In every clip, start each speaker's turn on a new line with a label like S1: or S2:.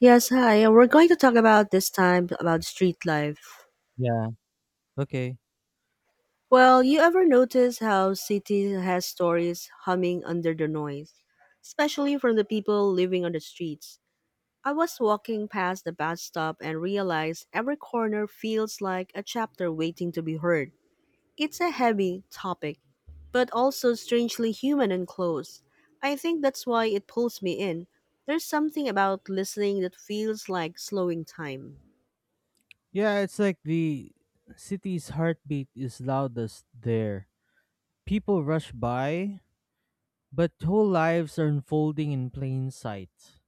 S1: Yes, hi. We're going to talk about this time about street life.
S2: Yeah. Okay.
S1: Well, you ever notice how city has stories humming under the noise, especially from the people living on the streets? I was walking past the bus stop and realized every corner feels like a chapter waiting to be heard. It's a heavy topic, but also strangely human and close. I think that's why it pulls me in. There's something about listening that feels like slowing time.
S2: Yeah, it's like the city's heartbeat is loudest there. People rush by, but whole lives are unfolding in plain sight.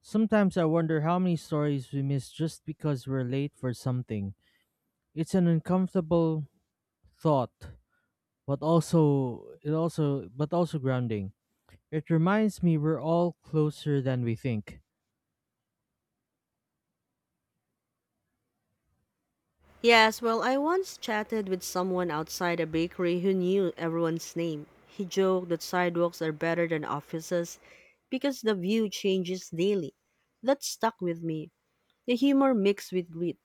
S2: Sometimes I wonder how many stories we miss just because we're late for something. It's an uncomfortable thought, but also grounding. It reminds me we're all closer than we think.
S1: Yes, well, I once chatted with someone outside a bakery who knew everyone's name. He joked that sidewalks are better than offices because the view changes daily. That stuck with me. The humor mixed with grit.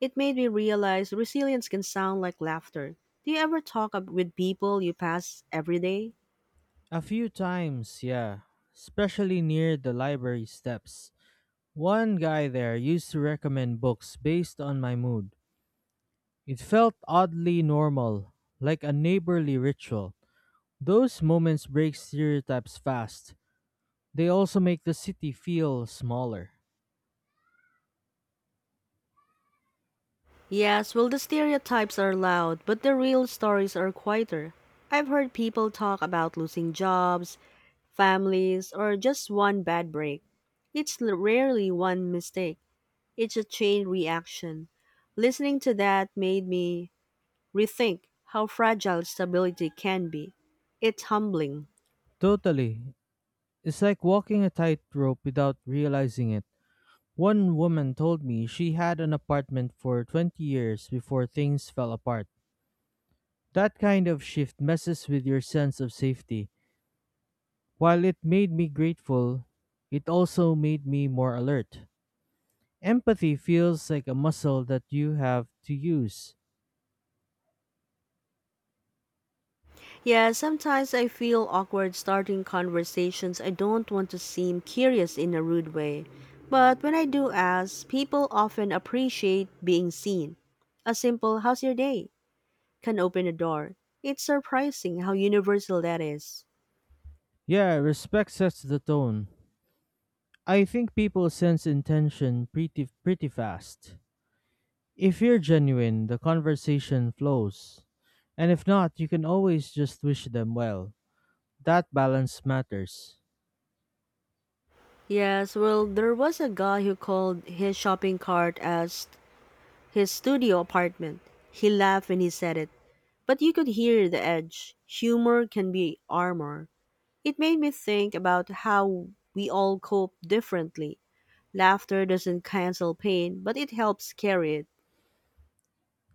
S1: It made me realize resilience can sound like laughter. Do you ever talk up with people you pass every day?
S2: A few times, yeah, especially near the library steps. One guy there used to recommend books based on my mood. It felt oddly normal, like a neighborly ritual. Those moments break stereotypes fast. They also make the city feel smaller.
S1: Yes, well, the stereotypes are loud, but the real stories are quieter. I've heard people talk about losing jobs, families, or just one bad break. It's rarely one mistake, it's a chain reaction. Listening to that made me rethink how fragile stability can be. It's humbling.
S2: Totally. It's like walking a tightrope without realizing it. One woman told me she had an apartment for 20 years before things fell apart. That kind of shift messes with your sense of safety. While it made me grateful, it also made me more alert. Empathy feels like a muscle that you have to use.
S1: Yeah, sometimes I feel awkward starting conversations. I don't want to seem curious in a rude way. But when I do ask, people often appreciate being seen. A simple, how's your day? Can open a door. It's surprising how universal that is.
S2: Yeah, respect sets the tone. I think people sense intention pretty fast. If you're genuine, the conversation flows. And if not, you can always just wish them well. That balance matters.
S1: Yes, well, there was a guy who called his shopping cart as his studio apartment. He laughed when he said it, but you could hear the edge. Humor can be armor. It made me think about how we all cope differently. Laughter doesn't cancel pain, but it helps carry it.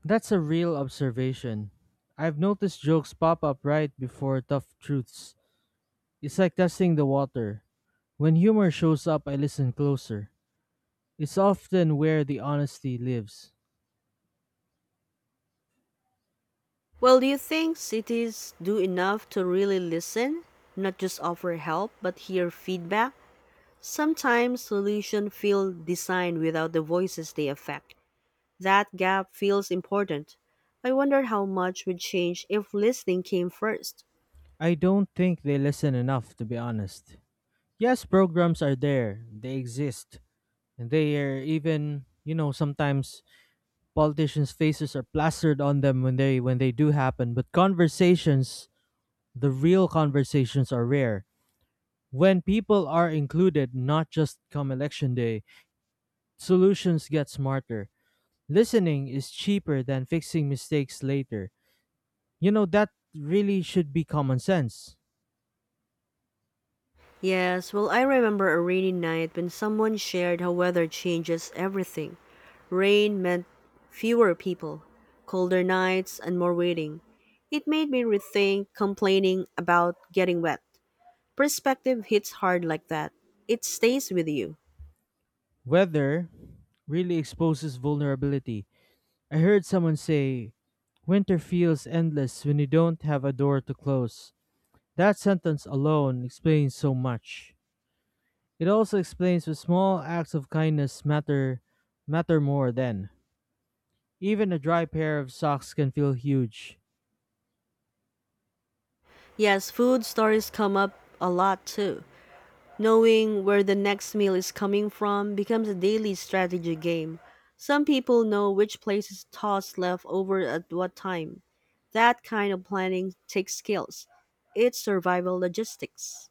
S2: That's a real observation. I've noticed jokes pop up right before tough truths. It's like testing the water. When humor shows up, I listen closer. It's often where the honesty lives.
S1: Well, do you think cities do enough to really listen? Not just offer help, but hear feedback? Sometimes solutions feel designed without the voices they affect. That gap feels important. I wonder how much would change if listening came first.
S2: I don't think they listen enough, to be honest. Yes, programs are there, they exist. And they are even, you know, sometimes politicians' faces are plastered on them when they do happen, but conversations, the real conversations are rare. When people are included, not just come election day, solutions get smarter. Listening is cheaper than fixing mistakes later. You know, that really should be common sense.
S1: Yes, well, I remember a rainy night when someone shared how weather changes everything. Rain meant fewer people, colder nights, and more waiting. It made me rethink complaining about getting wet. Perspective hits hard like that. It stays with you.
S2: Weather really exposes vulnerability. I heard someone say, "Winter feels endless when you don't have a door to close." That sentence alone explains so much. It also explains that small acts of kindness matter more then. Even a dry pair of socks can feel huge.
S1: Yes, food stories come up a lot too. Knowing where the next meal is coming from becomes a daily strategy game. Some people know which places toss leftover at what time. That kind of planning takes skills. It's survival logistics.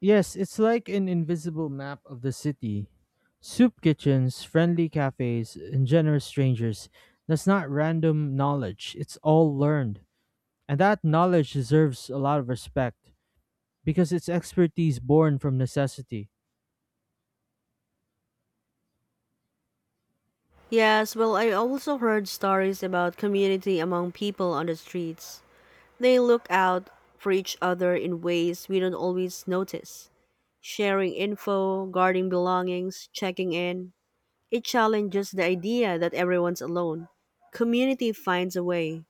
S2: Yes, it's like an invisible map of the city. Soup kitchens, friendly cafes, and generous strangers. That's not random knowledge, it's all learned. And that knowledge deserves a lot of respect because it's expertise born from necessity.
S1: Yes, well, I also heard stories about community among people on the streets. They look out for each other in ways we don't always notice. Sharing info, guarding belongings, checking in, it challenges the idea that everyone's alone. Community finds a way.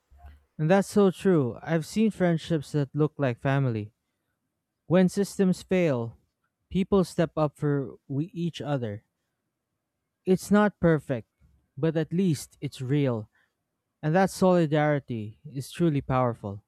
S2: And that's so true. I've seen friendships that look like family. When systems fail, people step up for we each other. It's not perfect, but at least it's real. And that solidarity is truly powerful.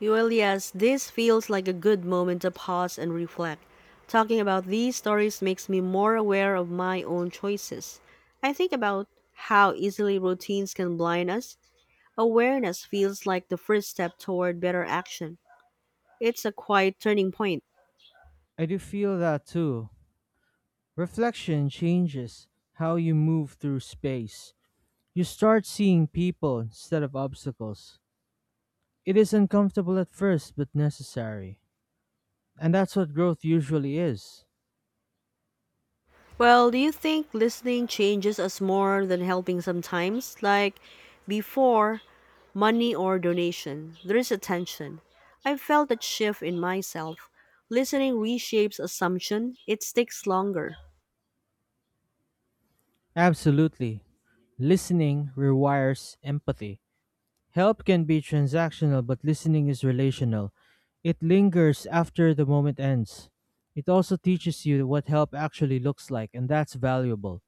S1: Well, yes, this feels like a good moment to pause and reflect. Talking about these stories makes me more aware of my own choices. I think about how easily routines can blind us. Awareness feels like the first step toward better action. It's a quiet turning point.
S2: I do feel that too. Reflection changes how you move through space. You start seeing people instead of obstacles. It is uncomfortable at first, but necessary. And that's what growth usually is.
S1: Well, do you think listening changes us more than helping sometimes? Like before, money or donation, there is attention. I felt that shift in myself. Listening reshapes assumption, it takes longer.
S2: Absolutely. Listening rewires empathy. Help can be transactional, but listening is relational. It lingers after the moment ends. It also teaches you what help actually looks like, and that's valuable.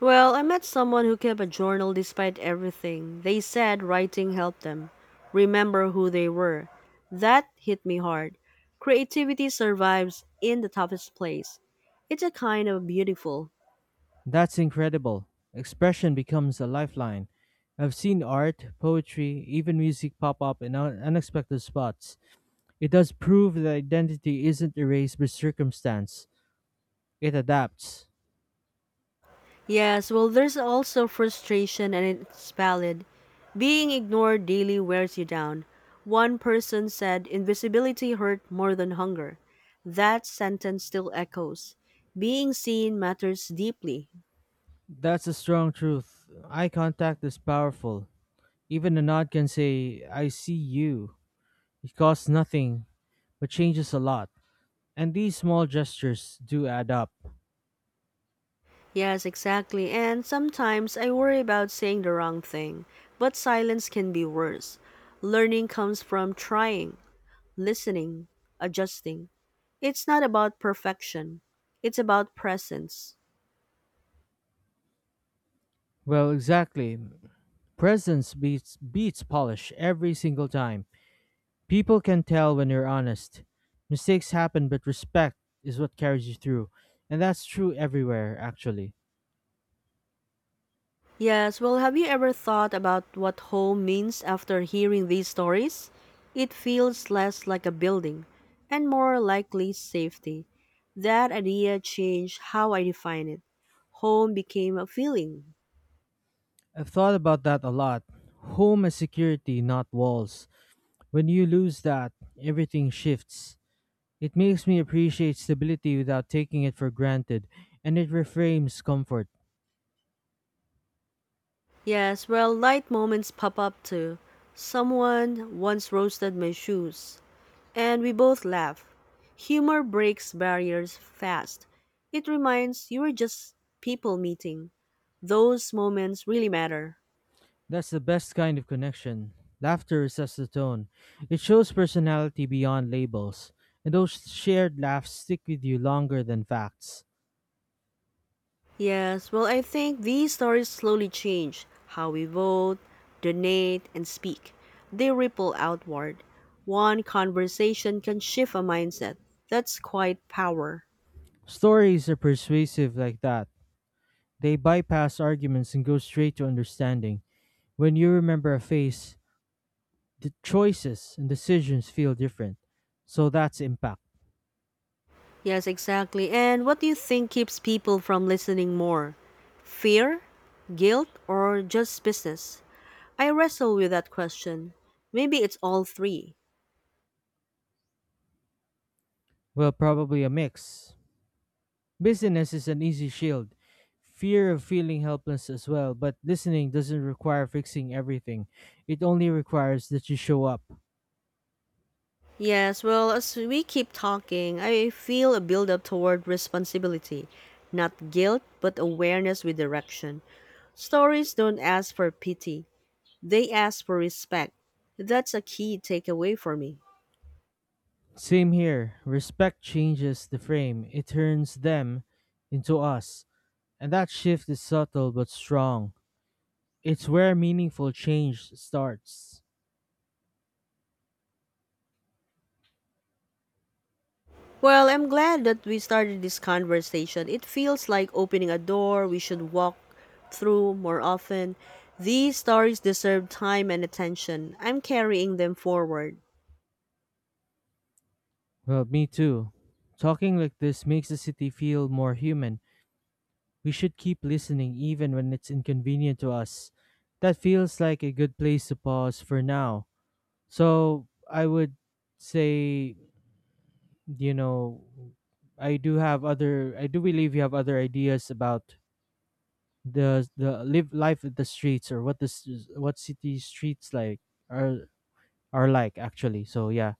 S1: Well, I met someone who kept a journal despite everything. They said writing helped them remember who they were. That hit me hard. Creativity survives in the toughest place. It's a kind of beautiful.
S2: That's incredible. Expression becomes a lifeline. I've seen art, poetry, even music pop up in unexpected spots. It does prove that identity isn't erased by circumstance, it adapts.
S1: Yes, well, there's also frustration, and it's valid. Being ignored daily wears you down. One person said, invisibility hurt more than hunger. That sentence still echoes. Being seen matters deeply.
S2: That's a strong truth. Eye contact is powerful. Even a nod can say, "I see you." It costs nothing, but changes a lot. And these small gestures do add up.
S1: Yes, exactly. And sometimes I worry about saying the wrong thing, but silence can be worse. Learning comes from trying, listening, adjusting. It's not about perfection, it's about presence.
S2: Well, exactly. Presence beats polish every single time. People can tell when you're honest. Mistakes happen, but respect is what carries you through. And that's true everywhere, actually.
S1: Yes, well, have you ever thought about what home means after hearing these stories? It feels less like a building and more likely safety. That idea changed how I define it. Home became a feeling.
S2: I've thought about that a lot. Home is security, not walls. When you lose that, everything shifts. It makes me appreciate stability without taking it for granted, and it reframes comfort.
S1: Yes, well, light moments pop up too. Someone once roasted my shoes, and we both laugh. Humor breaks barriers fast. It reminds you are just people meeting. Those moments really matter.
S2: That's the best kind of connection. Laughter sets the tone. It shows personality beyond labels, and those shared laughs stick with you longer than facts.
S1: Yes, well, I think these stories slowly change how we vote, donate, and speak. They ripple outward. One conversation can shift a mindset. That's quite power.
S2: Stories are persuasive like that. They bypass arguments and go straight to understanding. When you remember a face, the choices and decisions feel different. So that's impact.
S1: Yes, exactly. And what do you think keeps people from listening more? Fear, guilt, or just business? I wrestle with that question. Maybe it's all three.
S2: Well, probably a mix. Busyness is an easy shield, fear of feeling helpless as well, but listening doesn't require fixing everything. It only requires that you show up.
S1: Yes, well, as we keep talking, I feel a buildup toward responsibility. Not guilt, but awareness with direction. Stories don't ask for pity, they ask for respect. That's a key takeaway for me.
S2: Same here. Respect changes the frame, it turns them into us. And that shift is subtle but strong. It's where meaningful change starts.
S1: Well, I'm glad that we started this conversation. It feels like opening a door we should walk through more often. These stories deserve time and attention. I'm carrying them forward.
S2: Well, me too. Talking like this makes the city feel more human. We should keep listening even when it's inconvenient to us. That feels like a good place to pause for now. So I would say, you know, I do have other. I do believe you have other ideas about the live life at the streets or what city streets like are are like actually. So yeah,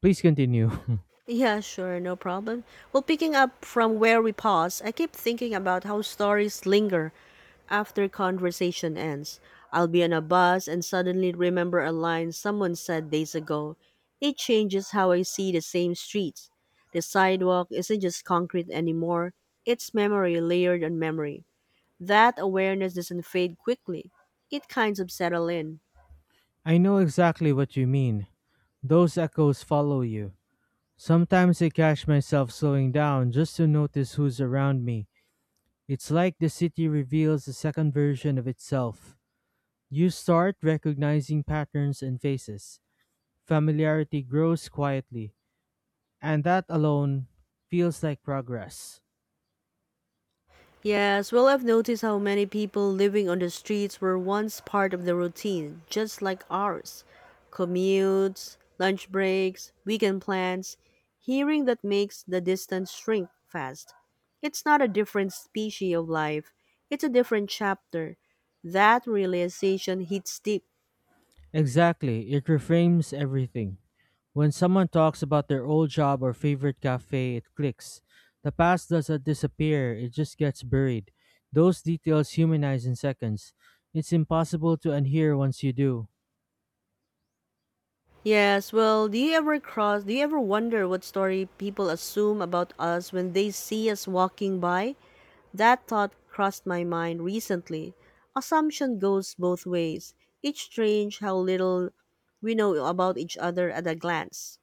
S2: please continue.
S1: Yeah, sure, no problem. Well, picking up from where we paused, I keep thinking about how stories linger after conversation ends. I'll be on a bus and suddenly remember a line someone said days ago. It changes how I see the same streets. The sidewalk isn't just concrete anymore, it's memory layered on memory. That awareness doesn't fade quickly, it kind of settle in.
S2: I know exactly what you mean. Those echoes follow you. Sometimes I catch myself slowing down just to notice who's around me. It's like the city reveals a second version of itself. You start recognizing patterns and faces. Familiarity grows quietly, and that alone feels like progress.
S1: Yes, well, I've noticed how many people living on the streets were once part of the routine, just like ours. Commutes, lunch breaks, weekend plans. Hearing that makes the distance shrink fast. It's not a different species of life, it's a different chapter. That realization hits deep.
S2: Exactly, it reframes everything. When someone talks about their old job or favorite cafe, it clicks. The past doesn't disappear, it just gets buried. Those details humanize in seconds. It's impossible to unhear once you do.
S1: Yes, well, do you ever wonder what story people assume about us when they see us walking by? That thought crossed my mind recently. Assumption goes both ways. It's strange how little we know about each other at a glance.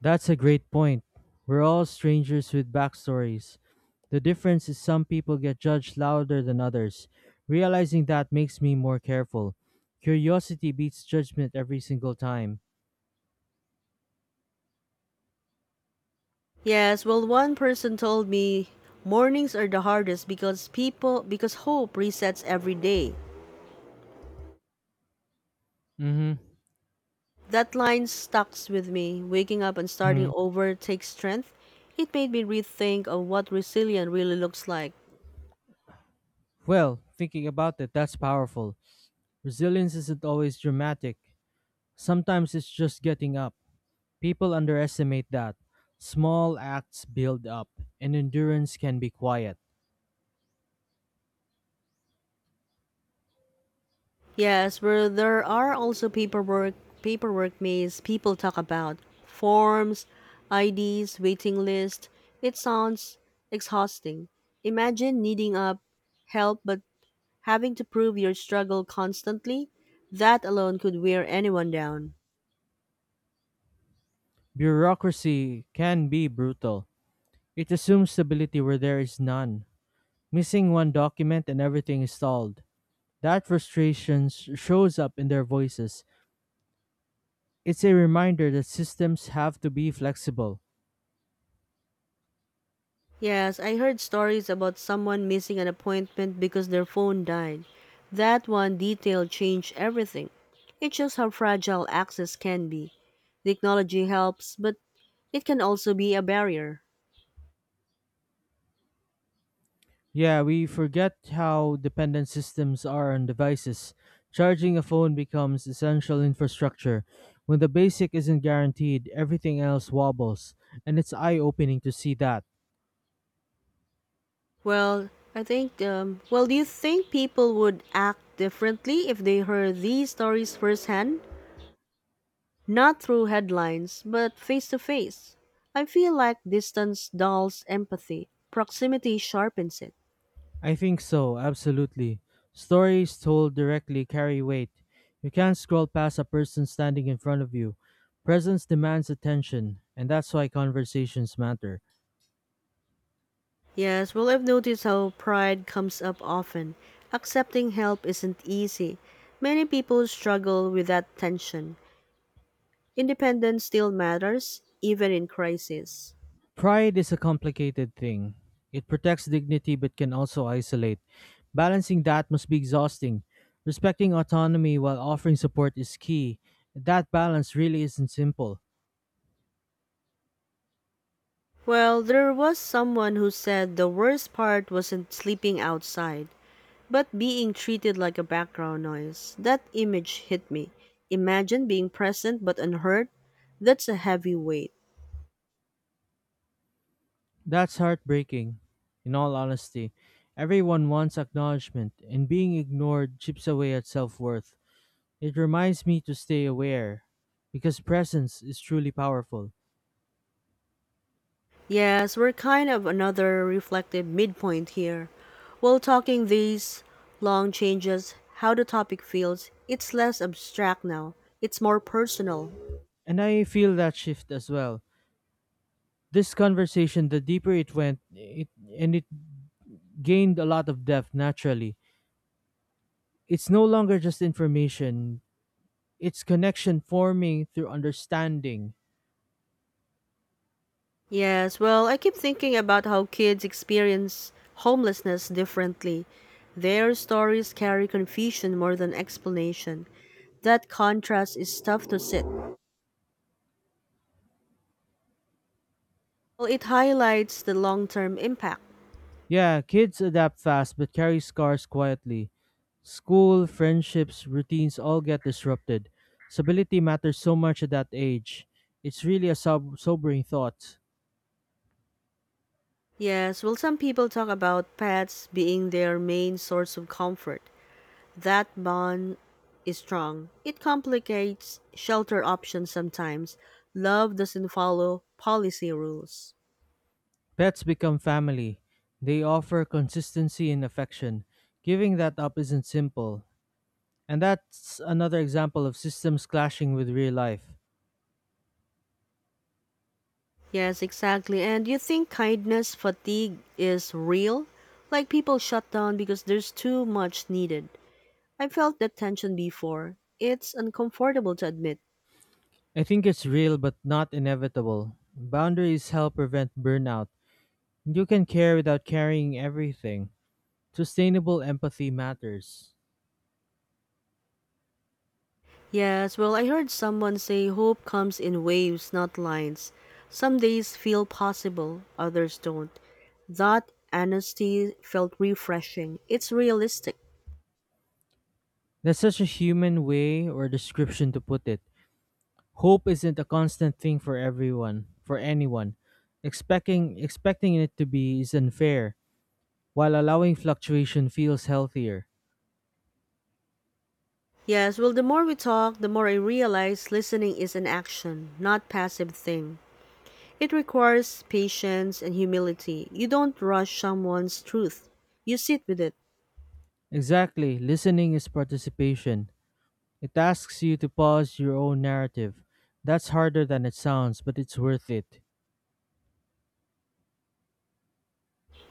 S2: That's a great point. We're all strangers with backstories. The difference is some people get judged louder than others. Realizing that makes me more careful. Curiosity beats judgment every single time.
S1: Yes, well, one person told me mornings are the hardest because hope resets every day.
S2: Mm
S1: That line stucks with me. Waking up and starting
S2: hmm.
S1: over takes strength. It made me rethink of what resilience really looks like.
S2: Well, thinking about it, that's powerful. Resilience isn't always dramatic. Sometimes it's just getting up. People underestimate that. Small acts build up, and endurance can be quiet.
S1: Yes, where there are also paperwork maze people talk about. Forms, IDs, waiting list. It sounds exhausting. Imagine needing up help but having to prove your struggle constantly. That alone could wear anyone down.
S2: Bureaucracy can be brutal. It assumes stability where there is none. Missing one document and everything is stalled. That frustration shows up in their voices. It's a reminder that systems have to be flexible.
S1: Yes, I heard stories about someone missing an appointment because their phone died. That one detail changed everything. It shows how fragile access can be. Technology helps, but it can also be a barrier.
S2: Yeah, we forget how dependent systems are on devices. Charging a phone becomes essential infrastructure. When the basic isn't guaranteed, everything else wobbles, and it's eye opening to see that.
S1: Well, I think, well, do you think people would act differently if they heard these stories firsthand? Not through headlines, but face to face. I feel like distance dulls empathy, proximity sharpens it.
S2: I think so, absolutely. Stories told directly carry weight. You can't scroll past a person standing in front of you. Presence demands attention, and that's why conversations matter.
S1: Yes, well, I've noticed how pride comes up often. Accepting help isn't easy. Many people struggle with that tension. Independence still matters, even in crisis.
S2: Pride is a complicated thing. It protects dignity but can also isolate. Balancing that must be exhausting. Respecting autonomy while offering support is key. That balance really isn't simple.
S1: Well, there was someone who said the worst part wasn't sleeping outside, but being treated like a background noise. That image hit me. Imagine being present but unheard. That's a heavy weight.
S2: That's heartbreaking, in all honesty. Everyone wants acknowledgement, and being ignored chips away at self worth. It reminds me to stay aware, because presence is truly powerful.
S1: Yes, we're kind of another reflective midpoint here. While talking these long changes, how the topic feels, it's less abstract now. It's more personal.
S2: And I feel that shift as well. This conversation, the deeper it went, it and it gained a lot of depth naturally. It's no longer just information, it's connection forming through understanding.
S1: Yes, well, I keep thinking about how kids experience homelessness differently. Their stories carry confusion more than explanation. That contrast is tough to sit. Well, it highlights the long term impact.
S2: Yeah, kids adapt fast but carry scars quietly. School, friendships, routines all get disrupted. Stability matters so much at that age. It's really a sobering thought.
S1: Yes, well, some people talk about pets being their main source of comfort. That bond is strong. It complicates shelter options sometimes. Love doesn't follow policy rules.
S2: Pets become family. They offer consistency and affection. Giving that up isn't simple. And that's another example of systems clashing with real life.
S1: Yes, exactly. And you think kindness fatigue is real? Like people shut down because there's too much needed. I felt that tension before. It's uncomfortable to admit.
S2: I think it's real but not inevitable. Boundaries help prevent burnout. You can care without carrying everything. Sustainable empathy matters.
S1: Yes, well, I heard someone say hope comes in waves, not lines. Some days feel possible, others don't. That honesty felt refreshing. It's realistic.
S2: That's such a human way or description to put it. Hope isn't a constant thing for everyone, for anyone. Expecting it to be is unfair, while allowing fluctuation feels healthier.
S1: Yes, well, the more we talk, the more I realize listening is an action, not passive thing. It requires patience and humility. You don't rush someone's truth. You sit with it.
S2: Exactly, listening is participation. It asks you to pause your own narrative. That's harder than it sounds, but it's worth it.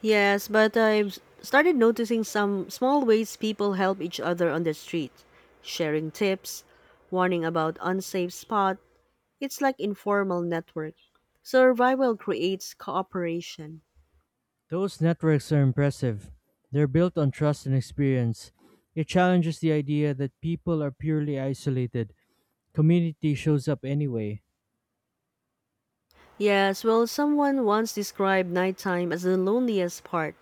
S1: Yes, but I've started noticing some small ways people help each other on the street. Sharing tips, warning about unsafe spot. It's like informal network. Survival creates cooperation.
S2: Those networks are impressive. They're built on trust and experience. It challenges the idea that people are purely isolated. Community shows up anyway.
S1: Yes, well, someone once described nighttime as the loneliest part.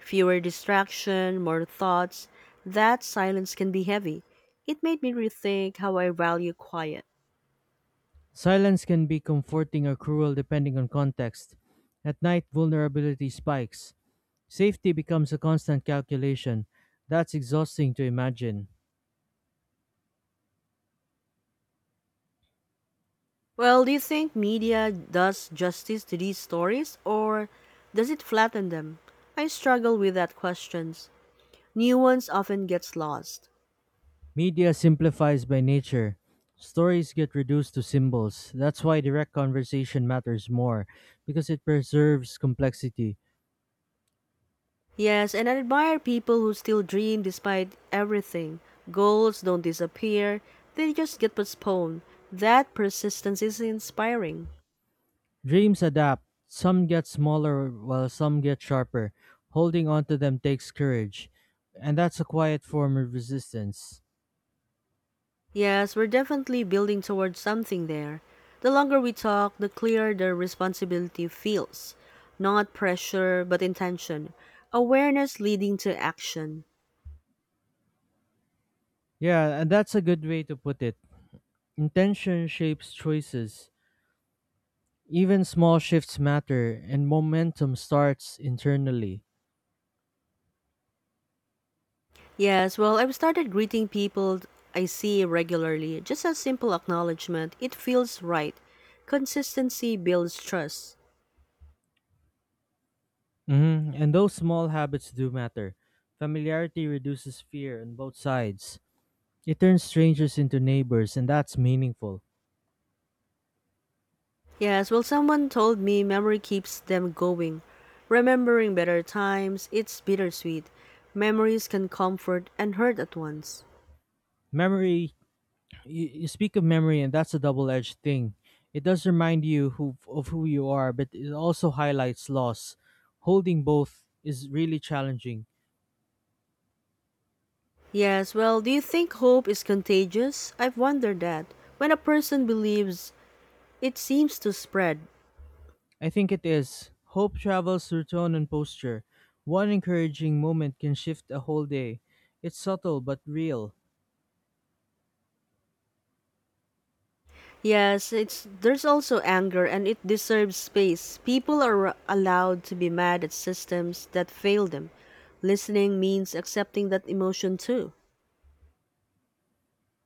S1: Fewer distraction, more thoughts. That silence can be heavy. It made me rethink how I value quiet.
S2: Silence can be comforting or cruel depending on context. At night, vulnerability spikes. Safety becomes a constant calculation. That's exhausting to imagine.
S1: Well, do you think media does justice to these stories or does it flatten them? I struggle with that question. New ones often gets lost.
S2: Media simplifies by nature. Stories get reduced to symbols. That's why direct conversation matters more, because it preserves complexity.
S1: Yes, and I admire people who still dream despite everything. Goals don't disappear, they just get postponed. That persistence is inspiring.
S2: Dreams adapt. Some get smaller while some get sharper. Holding on to them takes courage. And that's a quiet form of resistance.
S1: Yes, we're definitely building towards something there. The longer we talk, the clearer the responsibility feels. Not pressure, but intention. Awareness leading to action.
S2: Yeah, and that's a good way to put it. Intention shapes choices. Even small shifts matter, and momentum starts internally.
S1: Yes, well, I've started greeting people I see regularly. Just a simple acknowledgement. It feels right. Consistency builds trust.
S2: And those small habits do matter. Familiarity reduces fear on both sides. It turns strangers into neighbors, and that's meaningful.
S1: Yes, well, someone told me memory keeps them going. Remembering better times, it's bittersweet. Memories can comfort and hurt at once.
S2: Memory, you speak of memory, and that's a double-edged thing. It does remind you who you are, but it also highlights loss. Holding both is really challenging.
S1: Yes, well, do you think hope is contagious? I've wondered that. When a person believes, it seems to spread.
S2: I think it is. Hope travels through tone and posture. One encouraging moment can shift a whole day. It's subtle but real.
S1: Yes, it's there's also anger and it deserves space. People are allowed to be mad at systems that fail them. Listening means accepting that emotion too.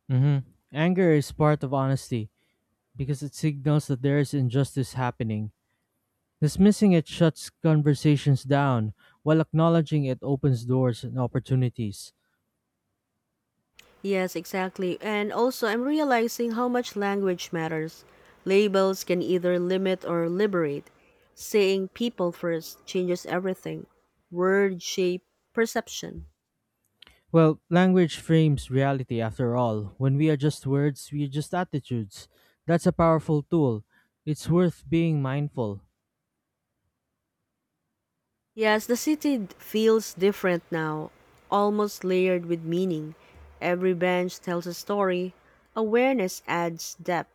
S2: hmm Anger is part of honesty, because it signals that there is injustice happening. Dismissing it shuts conversations down, while acknowledging it opens doors and opportunities.
S1: Yes, exactly. And also I'm realizing how much language matters. Labels can either limit or liberate. Saying people first changes everything. Word shape perception.
S2: Well, language frames reality after all. When we adjust words, we adjust attitudes. That's a powerful tool. It's worth being mindful.
S1: Yes, the city feels different now, almost layered with meaning. Every bench tells a story. Awareness adds depth.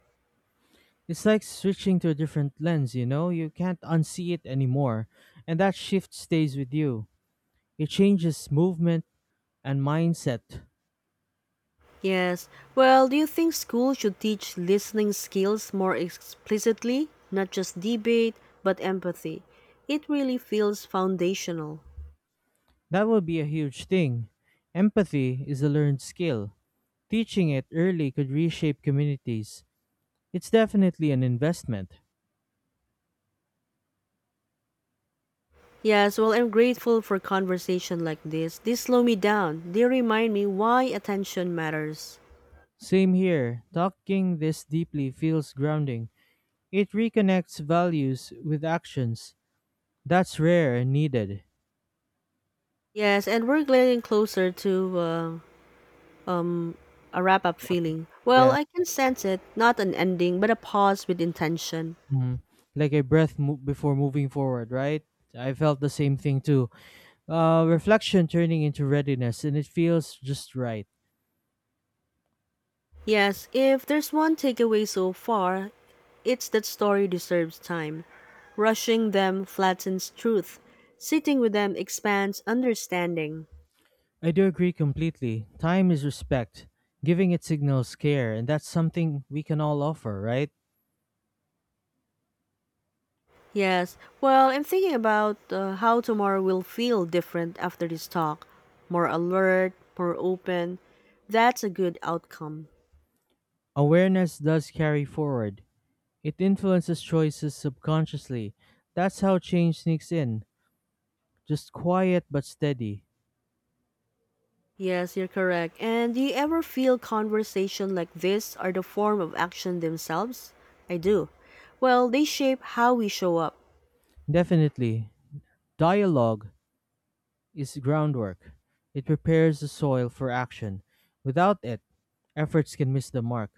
S2: It's like switching to a different lens, you know? You can't unsee it anymore. And that shift stays with you. It changes movement and mindset.
S1: Yes. Well, do you think school should teach listening skills more explicitly, not just debate, but empathy? It really feels foundational.
S2: That would be a huge thing. Empathy is a learned skill. Teaching it early could reshape communities. It's definitely an investment.
S1: Yes, well, I'm grateful for conversation like this. They slow me down. They remind me why attention matters.
S2: Same here. Talking this deeply feels grounding. It reconnects values with actions. That's rare and needed.
S1: Yes, and we're getting closer to uh, um a wrap up
S2: Yep.
S1: feeling. Well,
S2: Yeah.
S1: I can sense it, not an ending, but a pause with intention.
S2: Mhm. Like a breath before moving forward, right? I felt the same thing too. Reflection turning into readiness, and it feels just right.
S1: Yes, if there's one takeaway so far, it's that story deserves time. Rushing them flattens truth. Sitting with them expands understanding.
S2: I do agree completely. Time is respect, giving it signals care, and that's something we can all offer, right?
S1: Yes, well, I'm thinking about how tomorrow will feel different after this talk. More alert, more open. That's a good outcome.
S2: Awareness does carry forward. It influences choices subconsciously. That's how change sneaks in. Just quiet but steady.
S1: Yes, you're correct. And do you ever feel conversation like this are the form of action themselves? I do. Well, they shape how we show up.
S2: Definitely, dialogue is groundwork. It prepares the soil for action. Without it, efforts can miss the mark.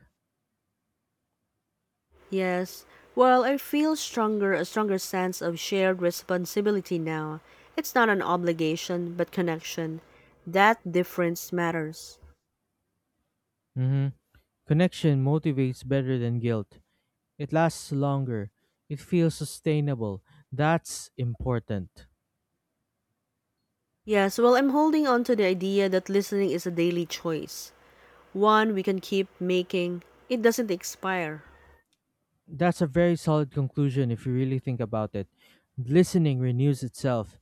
S1: Yes. Well, I feel stronger a stronger sense of shared responsibility now. It's not an obligation, but connection. That difference matters.
S2: hmm Connection motivates better than guilt. It lasts longer. It feels sustainable. That's important.
S1: Yes, well, I'm holding on to the idea that listening is a daily choice. One we can keep making. It doesn't expire.
S2: That's a very solid conclusion if you really think about it. Listening renews itself.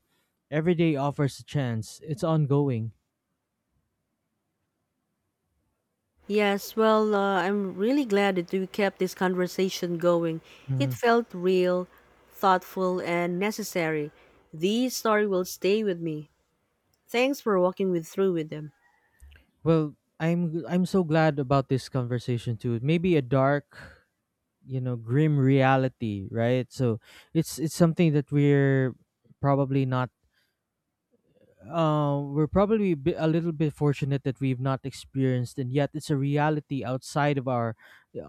S2: Every day offers a chance. It's ongoing.
S1: Yes, well, I'm really glad that we kept this conversation going. It
S2: Mhm.
S1: felt real, thoughtful, and necessary. The story will stay with me. Thanks for walking me through with them.
S2: Well, I'm so glad about this conversation too. Maybe a dark, grim reality, right? So it's something that we're probably not. We're probably a a little bit fortunate that we've not experienced, and yet it's a reality outside of our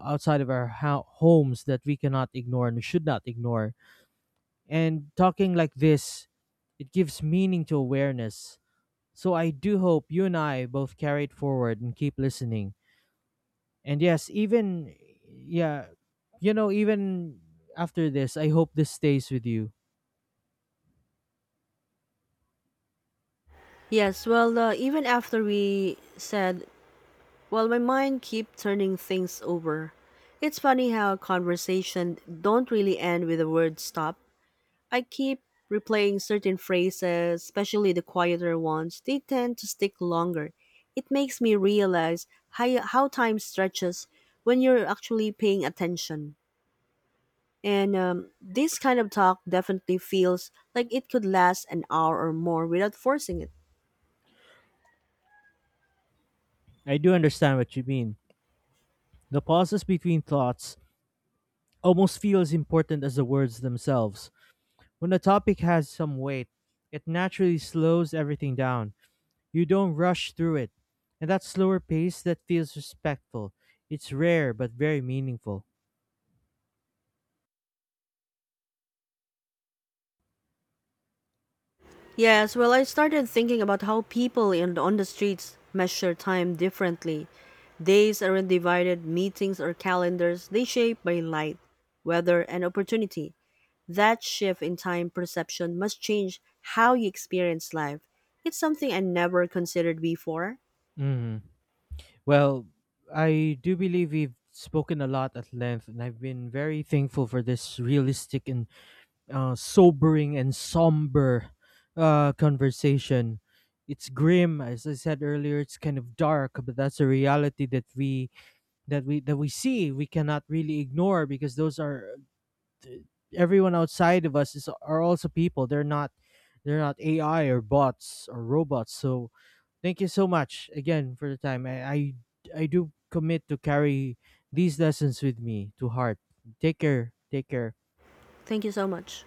S2: homes that we cannot ignore and should not ignore. And talking like this, it gives meaning to awareness. So I do hope you and I both carry it forward and keep listening. And yes, even yeah, you know, even after this, I hope this stays with you.
S1: Yes, well, even after we said, well, my mind keep turning things over. It's funny how conversation don't really end with the word stop. I keep replaying certain phrases, especially the quieter ones. They tend to stick longer. It makes me realize how time stretches when you're actually paying attention. And this kind of talk definitely feels like it could last an hour or more without forcing it.
S2: I do understand what you mean. The pauses between thoughts almost feel as important as the words themselves. When a topic has some weight, it naturally slows everything down. You don't rush through it. And that slower pace that feels respectful. It's rare but very meaningful.
S1: Yes, well, I started thinking about how people on the streets measure time differently. Days aren't divided, meetings or calendars, they shape by light, weather, and opportunity. That shift in time perception must change how you experience life. It's something I never considered before.
S2: Mhm. Well, I do believe we've spoken a lot at length, and I've been very thankful for this realistic and sobering and somber conversation. It's grim, as I said earlier. It's kind of dark, but that's a reality that we see. We cannot really ignore because those are everyone outside of us is are also people. They're not AI or bots or robots. So thank you so much again for the time. I do commit to carry these lessons with me to heart. Take care. Take care.
S1: Thank you so much.